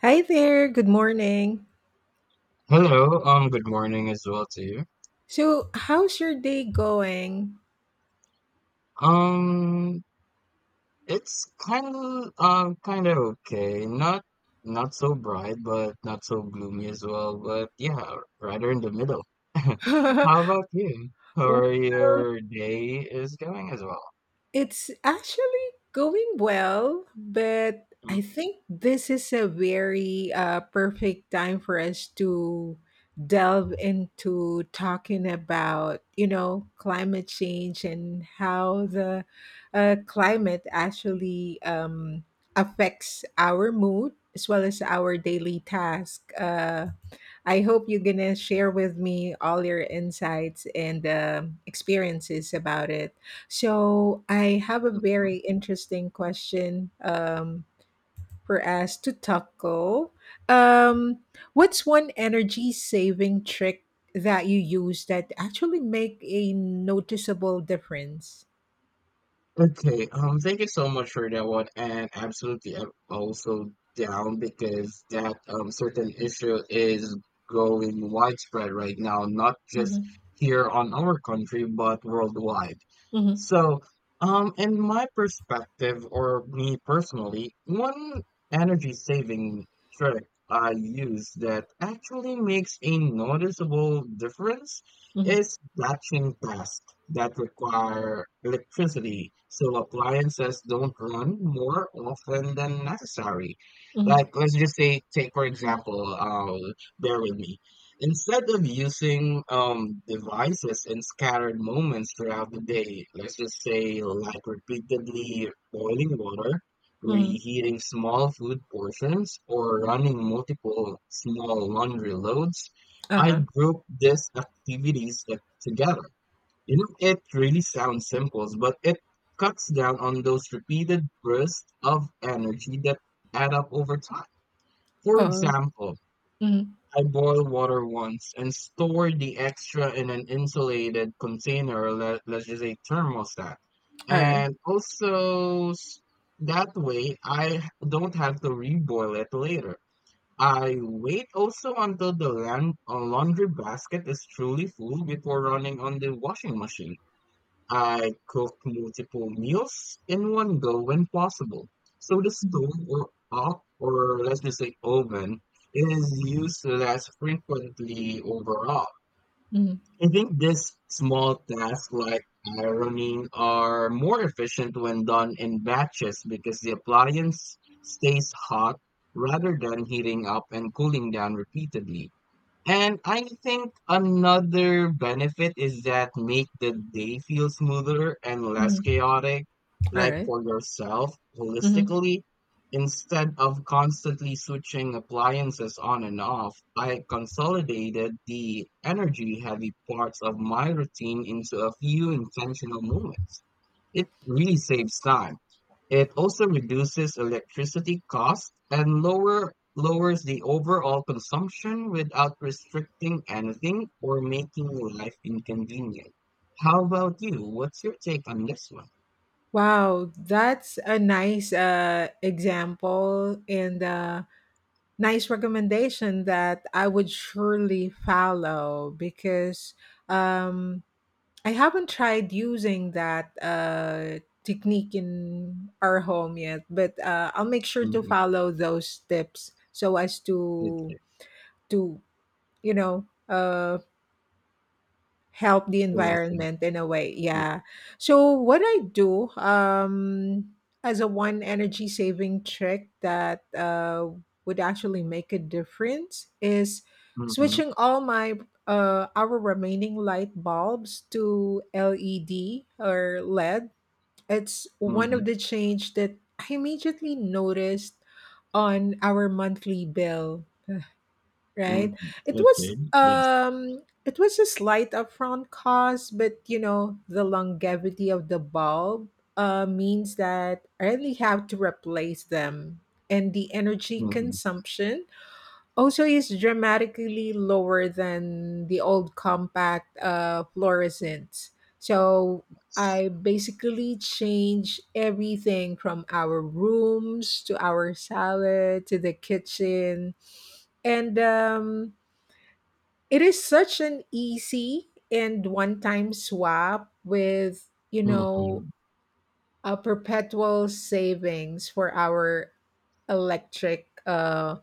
Hi there, good morning. Hello, good morning as well to you. So, how's your day going? Um, it's kind of okay. Not so bright, but not so gloomy as well. But yeah, rather in the middle. How about you? How Well, are your day is going as well? it's actually going well, but I think this is a very perfect time for us to delve into talking about, you know, climate change and how the climate actually affects our mood as well as our daily task. I hope you're gonna share with me all your insights and experiences about it. So I have a Mm-hmm. very interesting question for us to tackle. Um, what's one energy saving trick that you use that actually make a noticeable difference? Okay, thank you so much for that one, and absolutely, I'm also down because that certain issue is going widespread right now, not just Mhm, here on our country, but worldwide. mhm, So, in my perspective, or me personally, one energy saving trick I use that actually makes a noticeable difference mhm, is batching tasks that require electricity so appliances don't run more often than necessary. mhm, Like, let's just say, take for example, bear with me. Instead of using devices in scattered moments throughout the day, let's just say, like repeatedly boiling water, mhm, reheating small food portions, or running multiple small laundry loads, I uh-huh, group these activities that together. You know, it really sounds simple, but it cuts down on those repeated bursts of energy that add up over time. For oh, example, mhm, I boil water once and store the extra in an insulated container, or let's just say thermostat. alright, And also, s- that way I don't have to reboil it later. I wait also until the laundry basket is truly full before running on the washing machine. I cook multiple meals in one go when possible. So the mhm, stove or let's just say oven, is used less frequently overall. mhm, I think these small tasks like ironing are more efficient when done in batches because the appliance stays hot rather than heating up and cooling down repeatedly. And I think another benefit is that make the day feel smoother and less mhm, chaotic, like alright, for yourself mhm. holistically, instead of constantly switching appliances on and off. I consolidated the energy heavy parts of my routine into a few intentional moments. It really saves time, it also reduces electricity costs and lowers the overall consumption without restricting anything or making life inconvenient. How about you? What's your take on this one? Wow, that's a nice, example and a nice recommendation that I would surely follow because, um I haven't tried using that technique in our home yet, but I'll make sure to Mm-hmm. follow those tips so as Okay. to to you know help the So lesson. environment in a way, Yeah. yeah. So what I do, as a one energy saving trick that would actually make a difference, is Mm-hmm. switching all my our remaining light bulbs to LED or LED. It's one of Mm-hmm. the change that I immediately noticed on our monthly bill, right. Mm-hmm. it was Okay. Yes. um it was a slight upfront cost, but you know, the longevity of the bulb means that I only have to replace them, and the energy Mm-hmm. consumption also is dramatically lower than the old compact fluorescents. So I basically changed everything from our rooms to our salad to the kitchen. And it is such an easy and one time swap with, you know, Mm-hmm. a perpetual savings for our electric uh,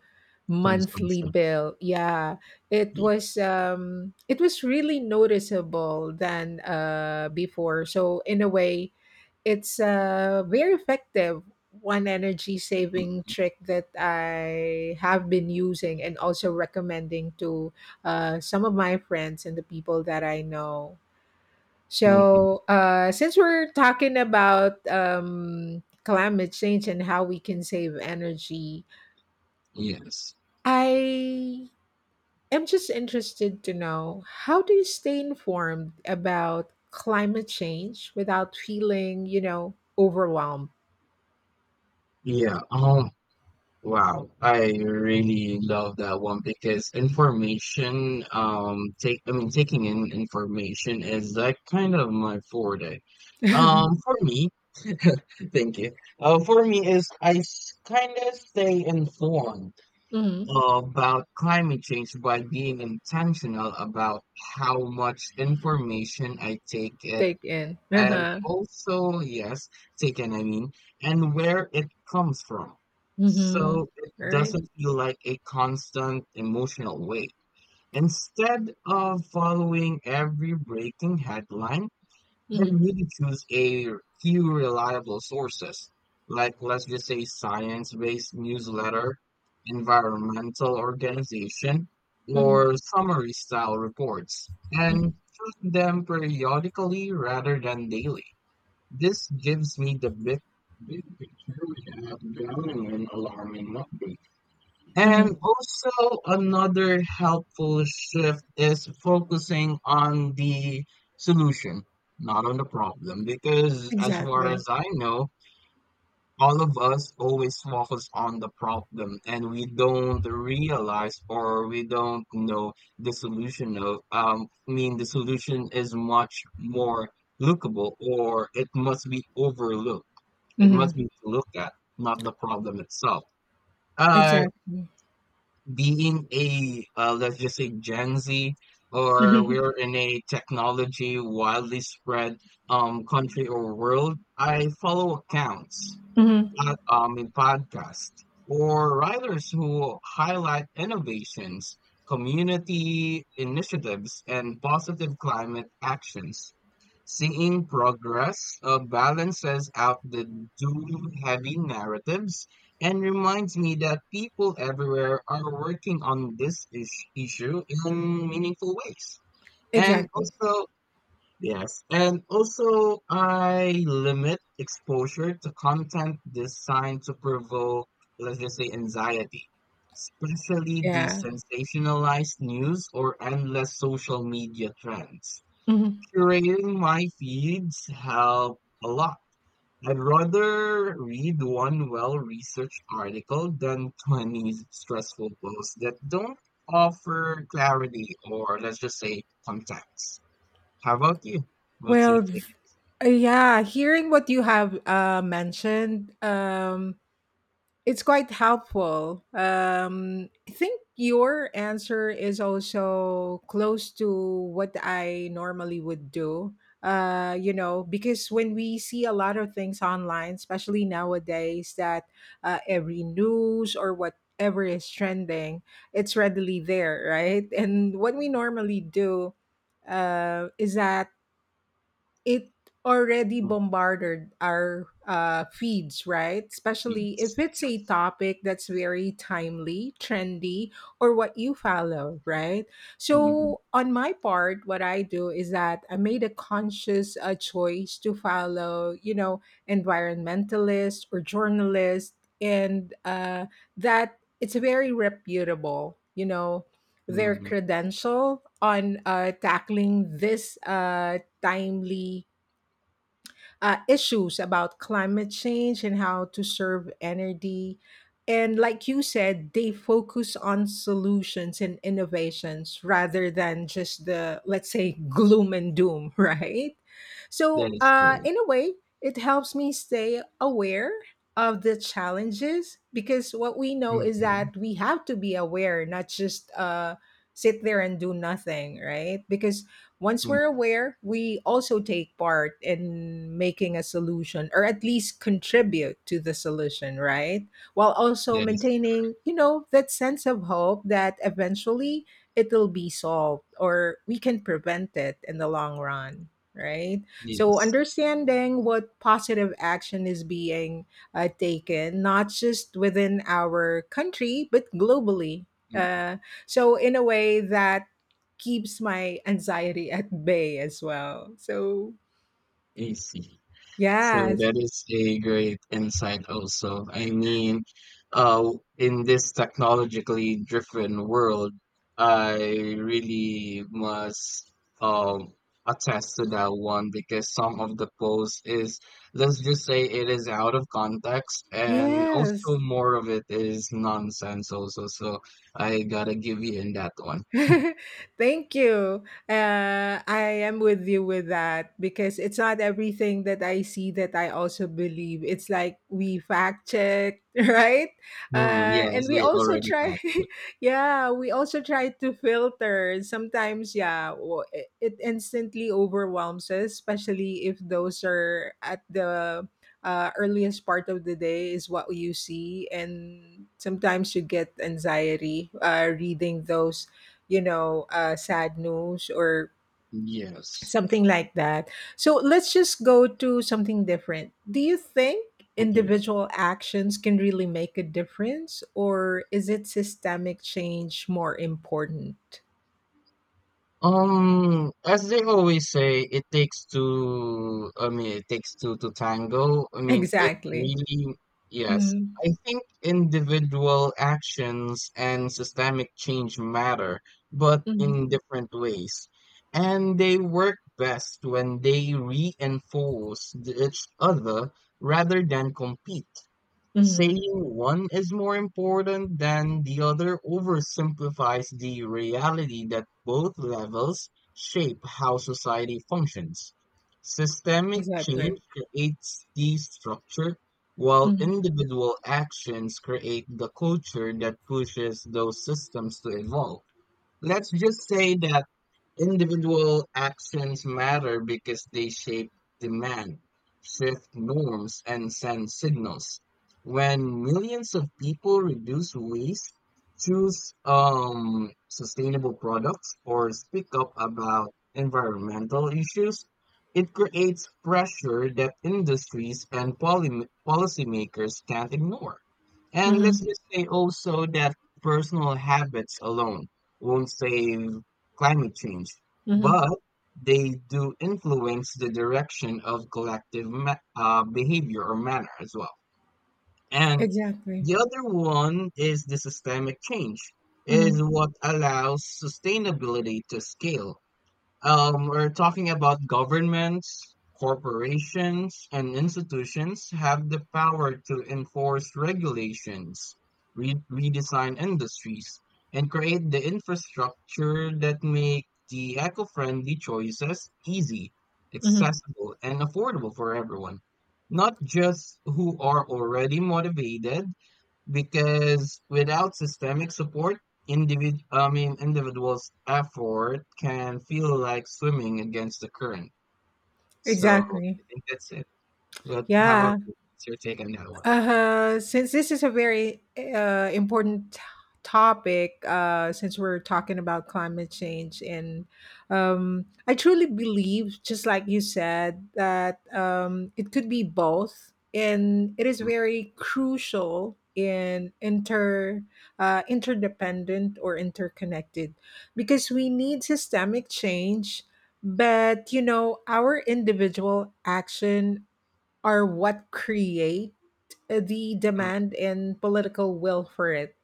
monthly Consumption. bill, yeah. it was Yes. um it was really noticeable than uh, before, so in a way it's a very effective one energy saving trick that I have been using and also recommending to some of my friends and the people that I know. Mm-hmm. So, since we're talking about climate change and how we can save energy, Yes. I am just interested to know, how do you stay informed about climate change without feeling, you know, overwhelmed? Yeah. Wow, I really love that one because information, I mean, taking in information is like kind of my forte. For me, thank you. For me is I kind of stay informed Mhm. about climate change by being intentional about how much information I take in, Take in. and Uh-huh. also, yes, taken I mean and where it comes from, Mm-hmm. so it Right. doesn't feel like a constant emotional weight. Instead of following every breaking headline, I Mm-hmm. really choose a few reliable sources, like, let's just say, science-based newsletter, environmental organization, Mm-hmm. or summary style reports, and check them periodically rather than daily. This gives me the big, big picture without drowning in alarm and update. Mm-hmm. And also, another helpful shift is focusing on the solution, not on the problem. Because as far as Exactly. I know, all of us always focus on the problem and we don't realize or we don't know the solution of I mean the solution is much more lookable, or it must be overlooked. It Mm-hmm. must be to look at, not the problem itself. Uh, Exactly. Being a let's just say Gen Z, or Mm-hmm. we're in a technology widely spread country or world. I follow accounts, Mm-hmm. In podcasts or writers who highlight innovations, community initiatives, and positive climate actions. Seeing progress balances out the doom heavy narratives and reminds me that people everywhere are working on this issue in meaningful ways. And Exactly. also, yes, and also I limit exposure to content designed to provoke, let's just say, anxiety, especially the Yeah. sensationalized news or endless social media trends. Hmm. Curating my feeds help a lot. I'd rather read one well-researched article than 20 stressful posts that don't offer clarity or, let's just say, context. How about you? What's your... Well, th- yeah, hearing what you have mentioned, it's quite helpful. I think your answer is also close to what I normally would do. You know, because when we see a lot of things online, especially nowadays, that every news or whatever is trending, it's readily there, right? And what we normally do is that it already Of bombarded our feeds, right? Especially if kids. it's a topic that's very timely, trendy, or what you follow, right? Mhm, So, on my part, what I do is that I made a conscious choice to follow, you know, environmentalists or journalists, and that it's very reputable, you know, their mhm. credential on tackling this timely issues about climate change and how to serve energy. And like you said, they focus on solutions and innovations rather than just the, let's say, gloom and doom, right? That So, is correct. in a way, it helps me stay aware of the challenges, because what we know is Mhm, that we have to be aware, not just sit there and do nothing, right? Because once mm. we're aware, we also take part in making a solution or at least contribute to the solution, right? While also That is, maintaining, you know, that sense of hope that eventually it'll be solved or we can prevent it in the long run, right? So yes. understanding what positive action is being taken, not just within our country, but globally. Mm, Uh, so, in a way that keeps my anxiety at bay as well. So, I see. So yes. that is a great insight also. I mean, uh, in this technologically driven world, I really must um attest to that one because some of the post is, let's just say, it is out of context, and also Yes. more of it is nonsense also. So I gotta give you in that one. Thank you. I am with you with that, because it's not everything that I see that I also believe. It's like we fact check, right? Hmm, yes, And we we also already try, factored. yeah, we also try to filter. Sometimes, yeah, it instantly overwhelms us, especially if those are at the earliest part of the day is what you see, and sometimes you get anxiety reading those, you know, sad news or Yes. something like that. So let's just go to something different. Do you think Okay. individual actions can really make a difference, or is it systemic change more important? As they always say, it takes two, I mean, it takes two to tango. I mean, it Exactly. really, yes. Mm, I think individual actions and systemic change matter, but mhm, in different ways. And they work best when they reinforce each other rather than compete. mhm, Saying one is more important than the other oversimplifies the reality that both levels shape how society functions. Systemic change exactly. creates the structure, while Mhm, individual actions create the culture that pushes those systems to evolve. Let's just say that individual actions matter because they shape demand, shift norms, and send signals. When millions of people reduce waste, choose sustainable products, or speak up about environmental issues, it creates pressure that industries and policymakers can't ignore. And let's mhm, just say also that personal habits alone won't save climate change, mhm, but they do influence the direction of collective behavior or manner as well. And exactly. the other one is the systemic change, is Mhm, what allows sustainability to scale. We're talking about governments, corporations, and institutions have the power to enforce regulations, redesign industries, and create the infrastructure that make the eco-friendly choices easy, mhm, accessible, and affordable for everyone, not just who are already motivated, because without systemic support, individ I mean individuals' effort can feel like swimming against the current. So exactly. I think that's it. But how about Yeah. you? What's your take on that one? Since this is a very important topic, since we're talking about climate change, and I truly believe, just like you said, that it could be both, and it is Mm, very crucial in interdependent or interconnected, because we need systemic change. But you know, our individual action are what create the mm, demand and political will for it.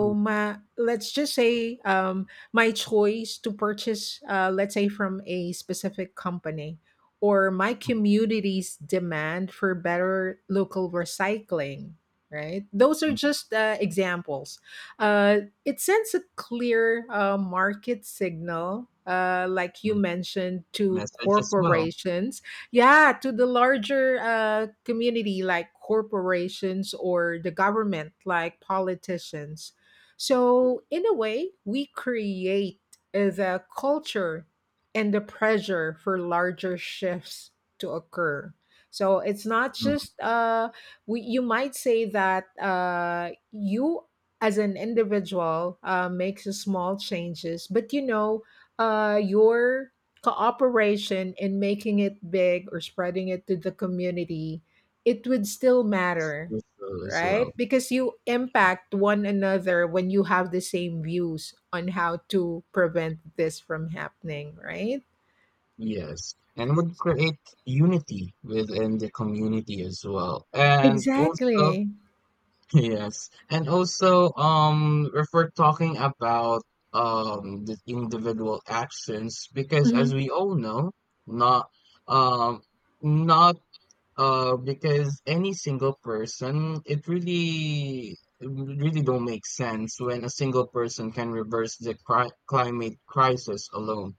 mm, my, let's just say my choice to purchase, let's say from a specific company, or my mm, community's demand for better local recycling. Right, those are mm, just examples. It sends a clear market signal, like you mm. mentioned, to Message as well. corporations, yeah, to the larger community like corporations or the government like politicians. Mm, So in a way we create the culture and the pressure for larger shifts to occur. So it's not mm, just we, you might say that you as an individual makes a small changes, but you know, your cooperation in making it big or spreading it to the community, it would still matter, also, as right? well. Because you impact one another when you have the same views on how to prevent this from happening, right? Yes. And would create unity within the community as well. And also, Exactly. yes. And also, if we're talking about the individual actions, because as Hmm. we all know, not um not because any single person, it really don't make sense when a single person can reverse the cri climate crisis alone.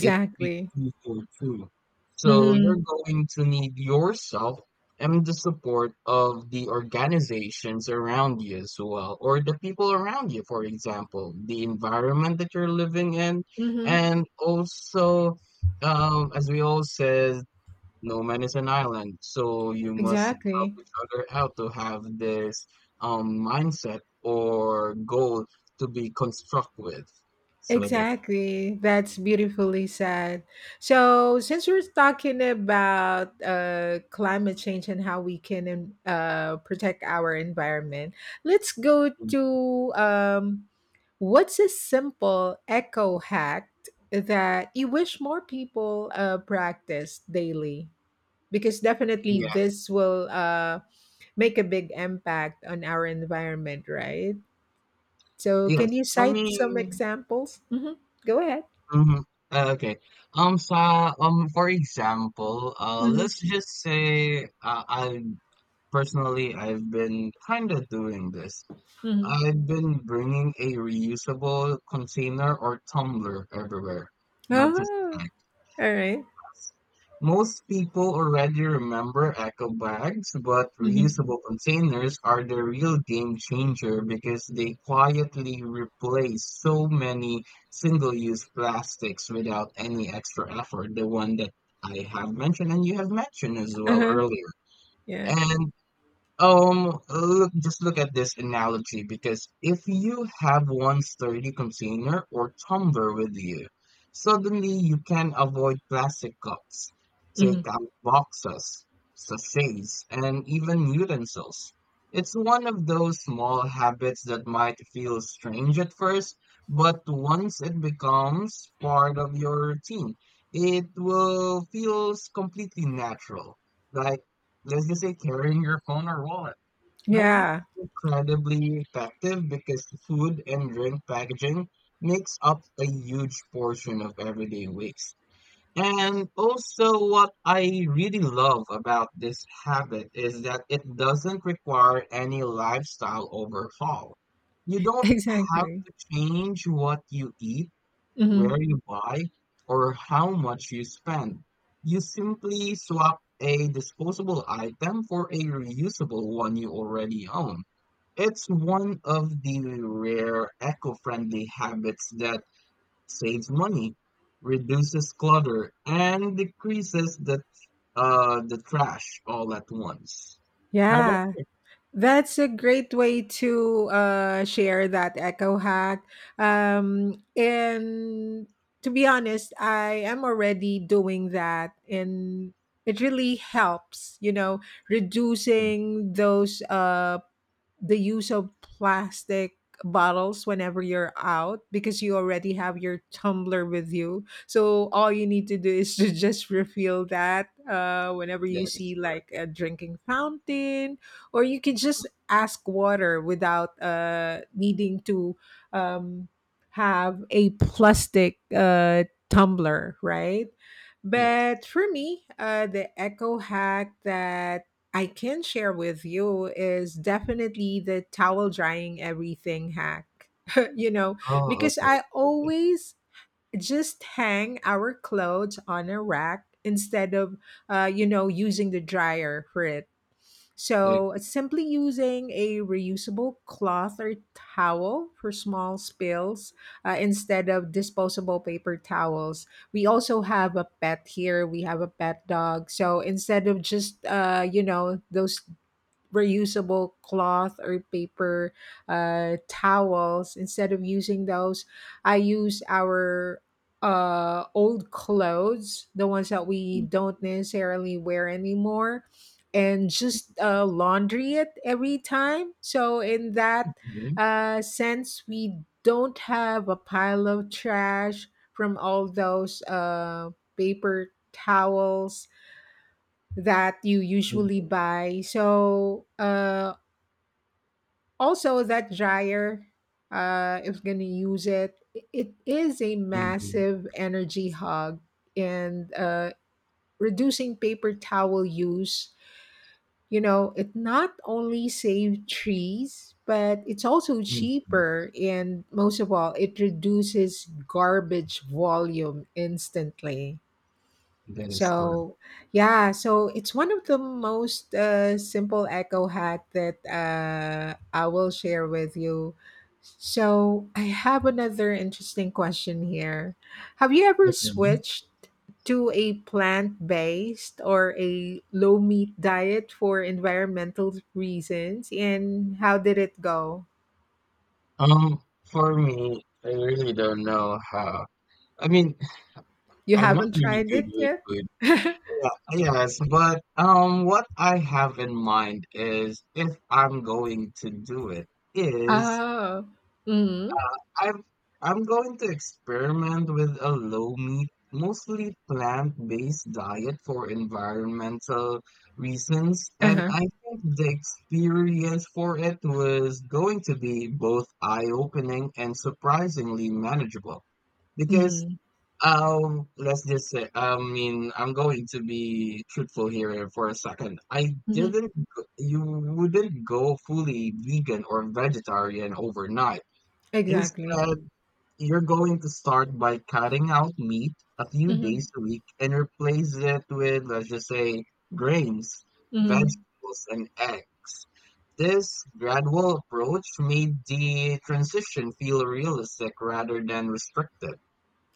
It's two for two. So you're Hmm. going to need yourself and the support of the organizations around you as well, or the people around you, for example, the environment that you're living in. Hmm. And also, as we all said, no man is an island, so you must help Exactly. each other out to have this mindset or goal to be construct with. So that's, Exactly. That's beautifully said. So, since we're talking about climate change and how we can protect our environment, let's go to what's a simple eco hack that you wish more people practice daily? Because definitely this yes. will make a big impact on our environment, right? So, can Yes, you I cite some mean, examples? Hmm. Go ahead. mhm, okay. For example, Mhm, let's just say, I personally I've been kind of doing this. mhm. I've been bringing a reusable container or tumbler everywhere, not just a... Oh, alright. Most people already remember eco bags, but Mhm. reusable containers are the real game changer because they quietly replace so many single-use plastics without any extra effort, the one that I have mentioned and you have mentioned as well Uh-huh, earlier. yeah. And look, just look at this analogy, because if you have one sturdy container or tumbler with you, suddenly you can avoid plastic cups, take Mhm. out boxes, sachets, and even utensils. It's one of those small habits that might feel strange at first, but once it becomes part of your routine, it will feels completely natural. Like, let's just say, carrying your phone or wallet. And that's Yeah, incredibly effective because food and drink packaging makes up a huge portion of everyday waste. And also, what I really love about this habit is that it doesn't require any lifestyle overhaul. You don't have exactly. to change what you eat, where Mhm. you buy, or how much you spend. You simply swap a disposable item for a reusable one you already own. It's one of the rare eco friendly habits that saves money, reduces clutter, and decreases the trash all at once. How about Yeah, you? that's a great way to, share that echo hack, and to be honest, I am already doing that, and it really helps, you know, Mm, reducing those, the use of plastic bottles whenever you're out, because you already have your tumbler with you. So all you need to do is to just refill that whenever you that is see correct. like a drinking fountain, or you can just ask water without needing to um, have a plastic tumbler, right? Yes. But for me, the eco hack that I can share with you is definitely the towel drying everything hack. You know, Oh, because okay. I Okay. always just hang our clothes on a rack instead of you know, using the dryer for it. Okay. So simply using a reusable cloth or towel for small spills instead of disposable paper towels. We also have a pet here. We have a pet dog. So instead of just, you know, those reusable cloth or paper towels, instead of using those, I use our uh, old clothes, the ones that we Mhm, don't necessarily wear anymore, and just laundry it every time. So in that uh, sense, we don't have a pile of trash from all those uh, paper towels that you usually mhm, buy. So, also, that dryer if going to use it, it is a mhm, massive energy hog, and reducing paper towel use, you know, it not only saves trees, but it's also mhm, mhm. cheaper, and most of all, it reduces garbage volume instantly. That is correct. So, yeah, so it's one of the most simple echo hack that I will share with you. So, I have another interesting question here. Have you ever Okay. switched to a plant-based or a low meat diet for environmental reasons, and how did it go? For me, I really don't know how. I mean, You I'm not haven't really tried good it with yet? food. Yeah, yes, but what I have in mind, is if I'm going to do it, is Oh. Mm-hmm. I'm going to experiment with a low meat, mostly plant-based diet for environmental reasons, and Uh-huh. I think the experience for it was going to be both eye-opening and surprisingly manageable, because Mm-hmm. Let's just say, I mean, I'm going to be truthful here for a second. I Mm-hmm. didn't you wouldn't go fully vegan or vegetarian overnight. Exactly. Instead, you're going to start by cutting out meat a few days Mm-hmm. a week and replace it with, let's just say, grains, Mhm. vegetables, and eggs. This gradual approach made the transition feel realistic rather than restrictive.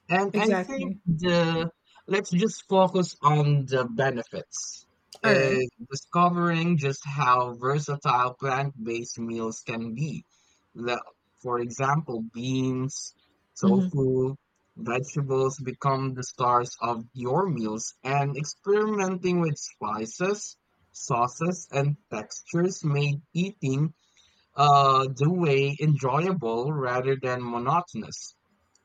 And I think Exactly. the, let's just focus on the benefits, Alright. is discovering just how versatile plant-based meals can be. The, for example, beans, Mhm, tofu, vegetables become the stars of your meals, and experimenting with spices, sauces, and textures made eating, the way, enjoyable rather than monotonous.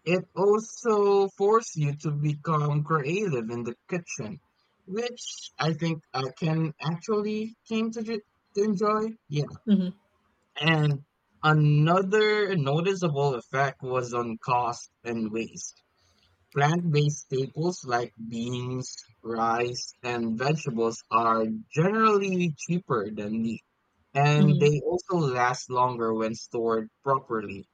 It also forces you to become creative in the kitchen, which I think I can actually came to, to enjoy. Yeah. mhm, And another noticeable effect was on cost and waste. Plant-based staples like beans, rice, and vegetables are generally cheaper than meat, and mhm. they also last longer when stored properly.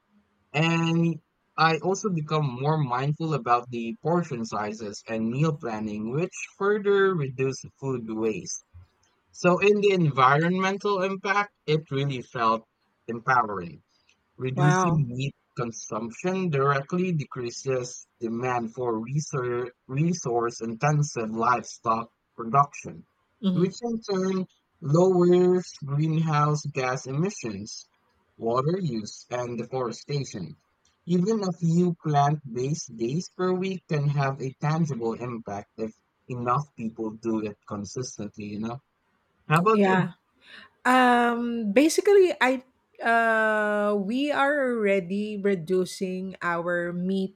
And I also become more mindful about the portion sizes and meal planning, which further reduce food waste. So, in the environmental impact, it really felt empowering. Wow. Reducing meat consumption directly decreases demand for resource intensive livestock production, Mhm. which in turn lowers greenhouse gas emissions, water use, and deforestation. Even a few plant based days per week can have a tangible impact if enough people do it consistently, you know? How about you? Yeah. Basically, I we are already reducing our me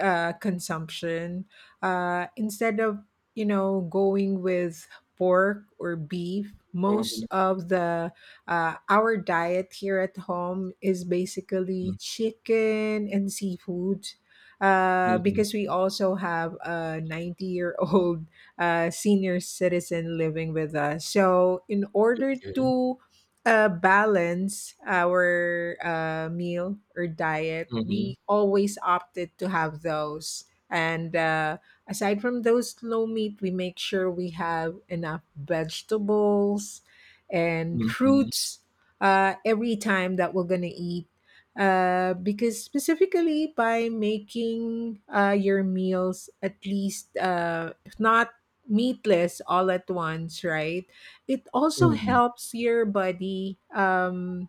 consumption, instead of, you know, going with pork or beef. Most Mhm, of the our diet here at home is basically mhm, chicken and seafood, mhm, because we also have a 90-year-old senior citizen living with us, so in order okay, to balance our meal or diet, mhm, we always opted to have those. And aside from those low meat, we make sure we have enough vegetables and mhm, fruits every time that we're going to eat. Because specifically by making your meals at least if not meatless all at once, right? It also mhm, helps your body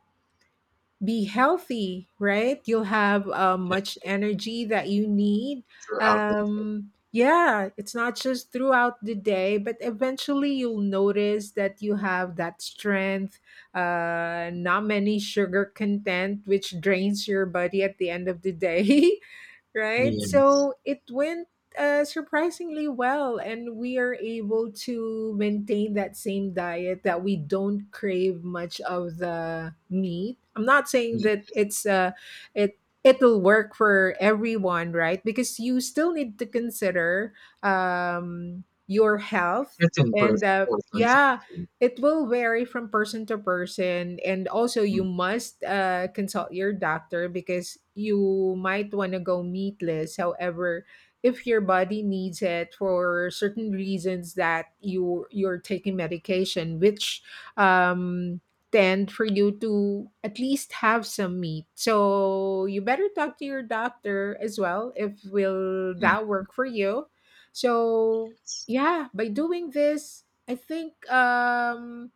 be healthy, right? You'll have much and energy that you need. throughout the day. Yeah, it's not just throughout the day, but eventually you'll notice that you have that strength, not many sugar content, which drains your body at the end of the day, right? Yes. So it wins surprisingly well, and we are able to maintain that same diet that we don't crave much of the meat. I'm not saying With that it it'll work for everyone, right? Because you still need to consider um, your health, certain and uh, portions of yeah, food. it will vary from person to person, and also you Mm, must consult your doctor because you might want to go meatless. However, if your body needs it for certain reasons that you're taking medication which um, tend for you to at least have some meat, so you better talk to your doctor as well if will mm, that work for you. So yeah, by doing this, I think um,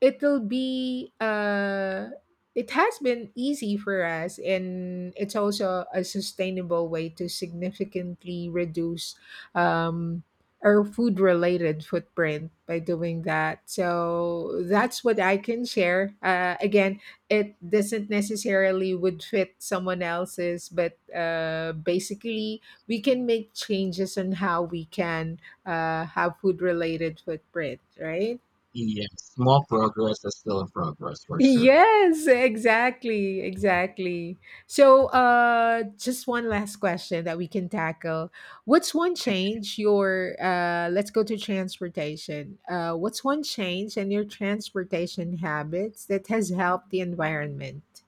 it'll be uh it has been easy for us, and it's also a sustainable way to significantly reduce um, our food related footprint by doing that. So that's what I can share, again, it doesn't necessarily would fit someone else's, but basically we can make changes on how we can have food related footprint, right? yes. Small progress is still a progress for sure. Yes, exactly, exactly. So, just one last question that we can tackle. What's one change your let's go to transportation. What's one change in your transportation habits that has helped the environment?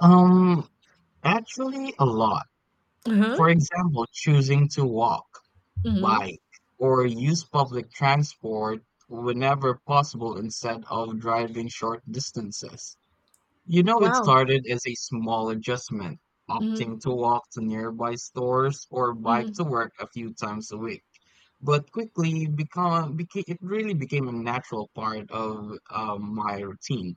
Um, Actually, a lot. Uh huh. For example, choosing to walk, Mm-hmm. bike, or use public transport whenever possible instead of driving short distances. You know, it Wow. started as a small adjustment, Mm-hmm. opting to walk to nearby stores or bike Mm-hmm. to work a few times a week. But quickly it really became a natural part of my routine.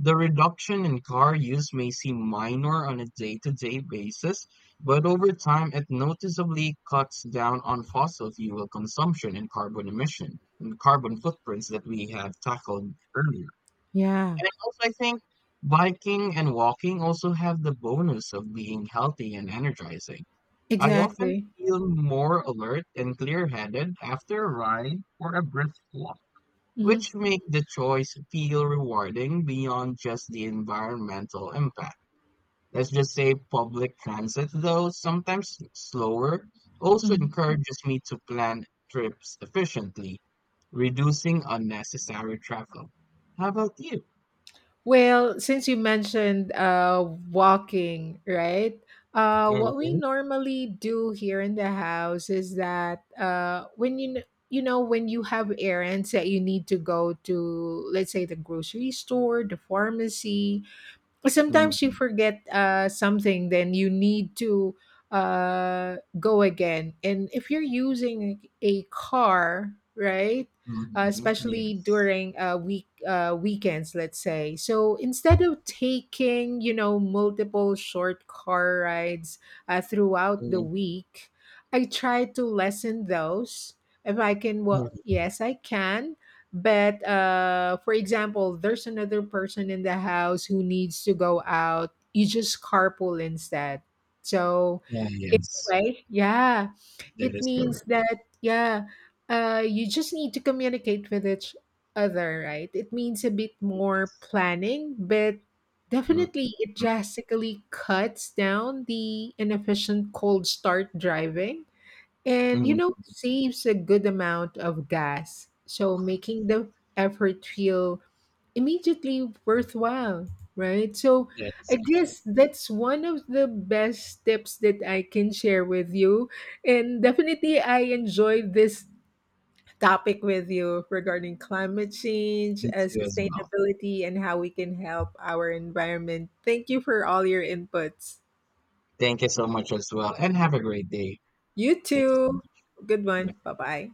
The reduction in car use may seem minor on a day-to-day basis, but over time it noticeably cuts down on fossil fuel consumption and carbon emission and carbon footprints that we have tackled earlier. Yeah. And also, I think biking and walking also have the bonus of being healthy and energizing. I often Exactly. feel more alert and clear-headed after a ride or a brisk walk, Mm-hmm. which make the choice feel rewarding beyond just the environmental impact. Let's just say public transit, though sometimes slower, also encourages me to plan trips efficiently, reducing unnecessary travel. How about you? Well, since you mentioned walking, right? What we Mhm. normally do here in the house is that when you you know, when you have errands that you need to go to, let's say the grocery store, the pharmacy, sometimes you Mhm, forget something, then you need to go again, and if you're using a car, right, mhm, especially yes. during weekends, let's say, so instead of taking, you know, multiple short car rides throughout the Mhm, week, I try to lessen those if I can. Well, mhm, yes I can, but for example, there's another person in the house who needs to go out. You just carpool instead. So, yeah, yes. anyway, yeah, That it is means correct. that yeah, you just need to communicate with each other, right? It means a bit more Yes. planning, but Mm, definitely it mm, drastically cuts down the inefficient cold start driving, and you mm, know, saves a good amount of gas, so making the effort feel immediately worthwhile, right? So that is I correct. guess that's one of the best tips that I can share with you. And definitely, I enjoyed this topic with you regarding climate change, Me too as well. sustainability, and how we can help our environment. Thank you for all your inputs. Thank you so much as well, and have a great day. You Thank you so too. much. Good one. Bye. Bye bye.